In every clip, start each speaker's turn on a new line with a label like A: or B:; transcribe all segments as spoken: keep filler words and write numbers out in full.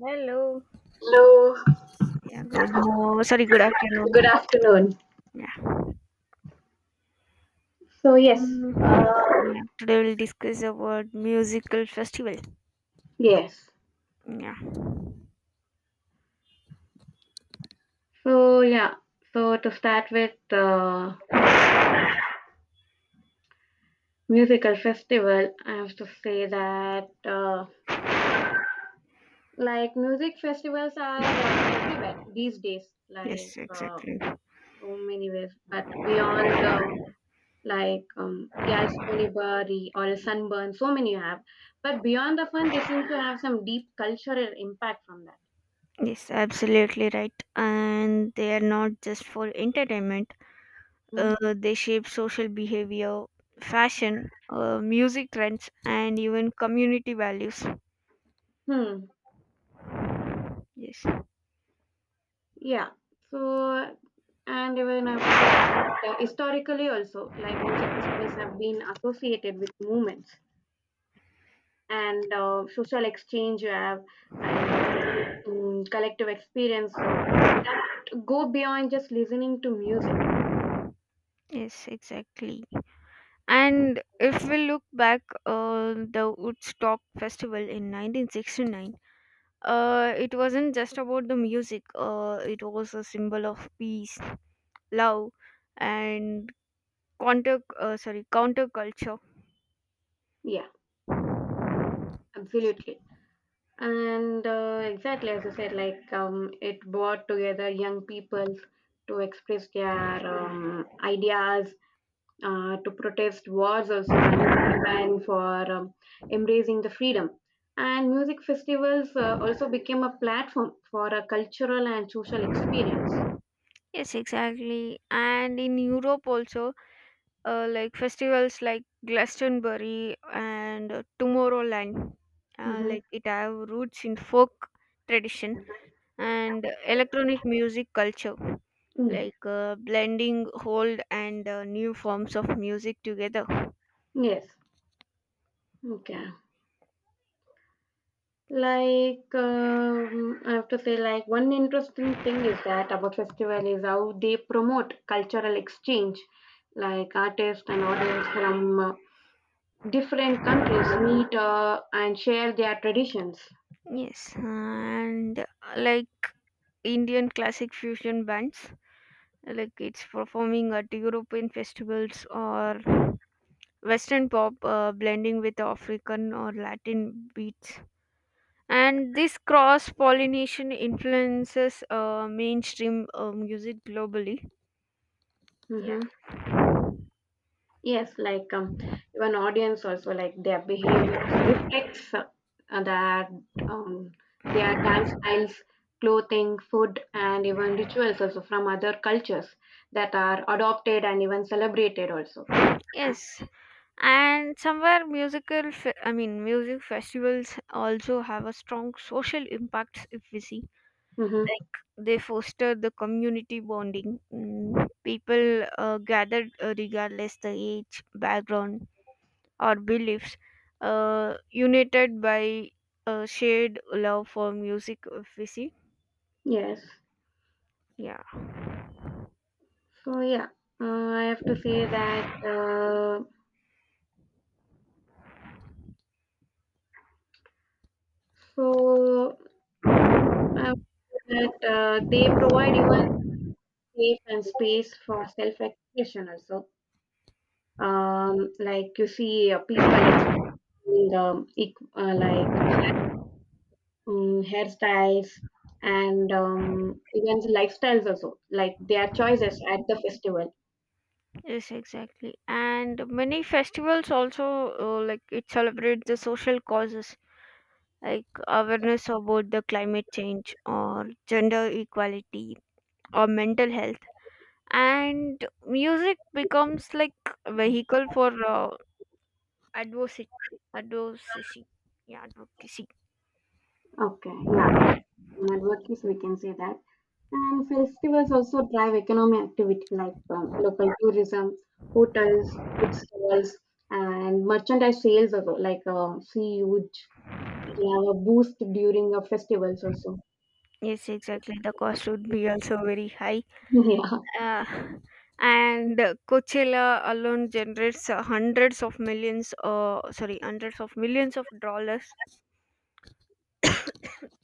A: Hello.
B: Hello,
A: Yeah, good morning. Sorry, good
B: good
A: afternoon.
B: afternoon.
A: Yeah.
B: So yes,
A: Mm,
B: uh,
A: Yeah. Today we'll discuss about musical festival.
B: yes.
A: Yeah.
B: So yeah, so to start with uh, musical festival, I have to say that uh, like music festivals are uh, everywhere these days, like
A: Yes,
B: uh,
A: exactly.
B: so many ways. But beyond um, like um, Galstonibari or a Sunburn, so many you have. But beyond the fun, they seem to have some deep cultural impact from that.
A: Yes, absolutely right. And they are not just for entertainment.
B: Hmm.
A: Uh, they shape social behavior, fashion, uh, music trends, and even community values.
B: Hmm.
A: Yes.
B: Yeah. So, and even I have to say that uh, historically also, like music festivals have been associated with movements and uh, social exchange you have and uh, mm, collective experience uh, to go beyond just listening to music.
A: Yes, exactly. And if we look back, uh, the Woodstock Festival in nineteen sixty-nine. Uh, it wasn't just about the music. Uh, it was a symbol of peace, love, and counter uh, sorry counterculture.
B: Yeah, absolutely. And uh, exactly as I said, like um, it brought together young people to express their um, ideas uh, to protest wars also and campaign for um, embracing the freedom. And music festivals uh, also became a platform for a cultural and social experience.
A: Yes, exactly. And in Europe also, uh, like festivals like Glastonbury and uh, Tomorrowland, uh,
B: hmm
A: like it have roots in folk tradition and electronic music culture, like uh, blending old and uh, new forms of music together.
B: Yes. Okay. Like um, I have to say, like one interesting thing is that about festival is how they promote cultural exchange. Like artists and audience from uh, different countries meet uh, and share their traditions.
A: Yes, and uh, like Indian classic fusion bands, like it's performing at European festivals or Western pop uh, blending with African or Latin beats. And this cross pollination influences uh, mainstream uh, music globally. Yeah.
B: Mm-hmm. Yes, like um, even audience also like their behavior reflects uh, uh, that um, their dance styles, clothing, food, and even rituals also from other cultures that are adopted and even celebrated also.
A: Yes, and somewhere musical, fe- I mean, music festivals also have a strong social impact if we see,
B: hmm
A: like they foster the community bonding. Mm, People uh, gathered uh, regardless the age, background, or beliefs, uh, united by a shared love for music. If we see,
B: Yes.
A: yeah,
B: So yeah, uh, I have to say that. Uh, so I would say that uh, they provide even safe and space for self-expression also. Um, like you see uh, people and, um, eq- uh, like um, hairstyles and um, even the lifestyles also like their choices at the festival.
A: yes, exactly. And many festivals also, uh, like it celebrates the social causes, like awareness about the climate change or gender equality or mental health, and music becomes like a vehicle for uh, advocacy advocacy yeah advocacy.
B: Okay, yeah, networking we can say that. And festivals also drive economic activity like um, local tourism, hotels, food stalls, and merchandise sales also, like uh, see huge they have a boost during the festivals also.
A: Yes, exactly, the cost would be also very high.
B: Yeah.
A: uh, and Coachella alone generates uh, hundreds of millions uh, sorry hundreds of millions of dollars,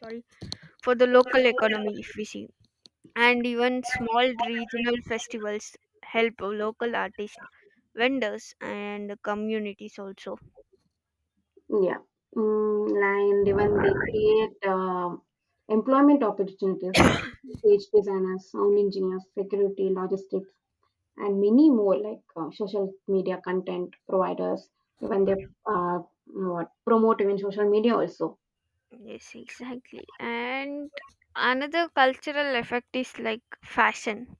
A: sorry, for the local economy if we see. And even small regional festivals help local artists, vendors and communities also.
B: Yeah. Mm, and even they create uh, employment opportunities like page designers, sound engineers, security, logistics, and many more like uh, social media content providers. Even they uh, what promote even social media also.
A: Yes, exactly. And another cultural effect is like fashion.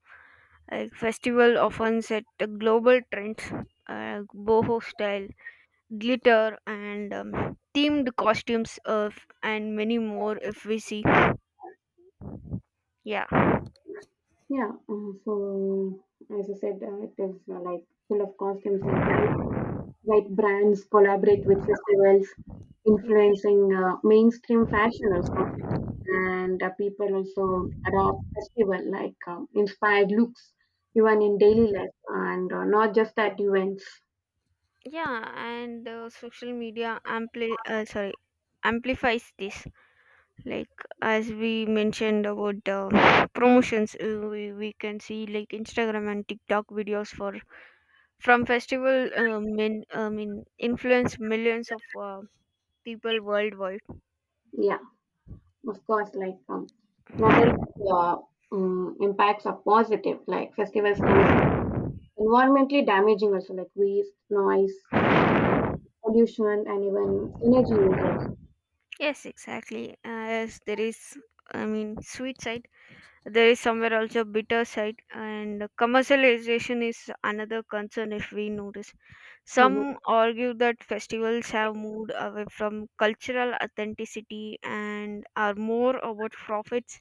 A: Like festival often set the global trends, uh, boho style, glitter, and um, themed costumes of, and many more. If we see, yeah,
B: Yeah. uh, So as I said, uh, it is uh, like full of costumes, like like brands collaborate with festivals,
A: Y-
B: influencing uh, mainstream fashion also. And uh, people also adopt festival like um, inspired looks even in daily life and uh, not just at events.
A: yeah, and uh, social media ampli uh, sorry amplifies this. Like as we mentioned about uh, promotions, uh, we we can see like Instagram and TikTok videos for from festival um, in, I mean influenced millions of uh, people worldwide.
B: Yeah of course like um, not only uh, um, impacts are positive, like festivals can be environmentally damaging also, like waste, noise pollution, and even energy usage.
A: Yes, exactly. As there is, I mean, sweet side. There is somewhere also bitter side, and commercialization is another concern if we notice.
B: Mhm.
A: Some argue that festivals have moved away from cultural authenticity and are more about profits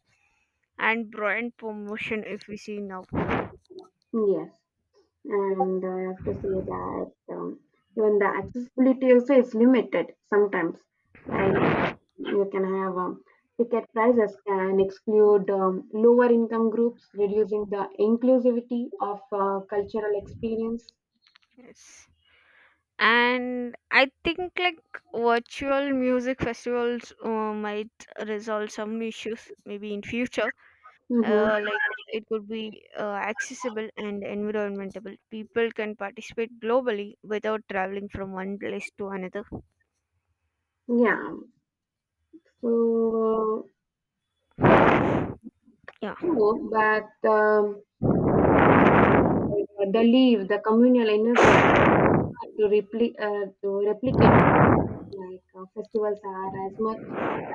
A: and brand promotion. If we see now,
B: yes and I have to say that um, even the accessibility also is limited sometimes, like you can have um, ticket prices can exclude um, lower income groups, reducing the inclusivity of uh, cultural experience.
A: yes. And I think like virtual music festivals uh, might resolve some issues maybe in future,
B: hmm
A: uh, like it could be uh, accessible and environmentable, people can participate globally without traveling from one place to another,
B: Yeah. So,
A: yeah.
B: True, but um, the leave, the communal energy to, repli- uh, to replicate, like uh, festivals are as much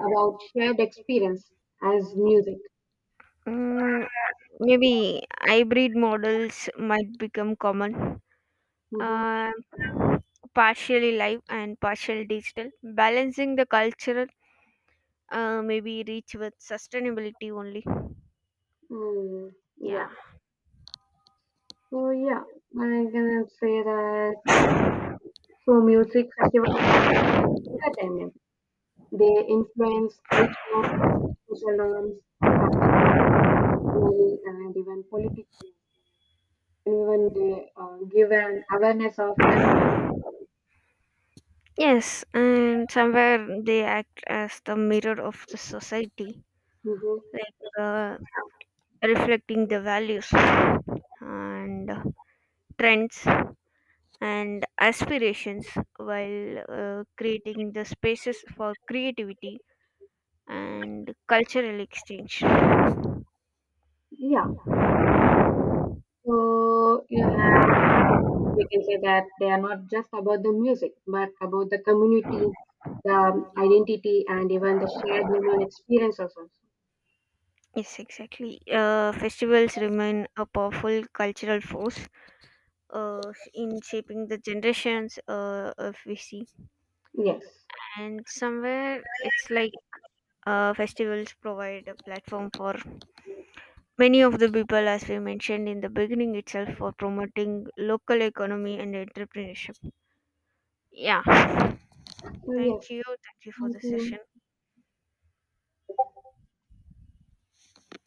B: about shared experience as music.
A: Mm, Maybe hybrid models might become common,
B: hmm
A: um, partially live and partially digital, balancing the cultural uh, maybe reach with sustainability only.
B: Mm,
A: Yeah.
B: yeah. So yeah, I can say that. Uh, so music festivals entertainment. They influence culture, social norms, fashion, economy, and even political. And even they uh, give an awareness of environment.
A: Yes, and somewhere they act as the mirror of the society,
B: Mhm.
A: like uh, reflecting the values and trends and aspirations, while uh, creating the spaces for creativity and cultural exchange.
B: Yeah. So you have, we can say that they are not just about the music, but about the community, the identity, and even the shared human experience also.
A: Yes, exactly. Uh, festivals remain a powerful cultural force uh, in shaping the generations uh, if we see.
B: Yes.
A: Yeah. And somewhere it's like uh, festivals provide a platform for many of the people, as we mentioned in the beginning itself, for promoting local economy and entrepreneurship. Yeah.
B: So yes.
A: Thank you. Thank you for
B: Thank
A: the
B: you.
A: session.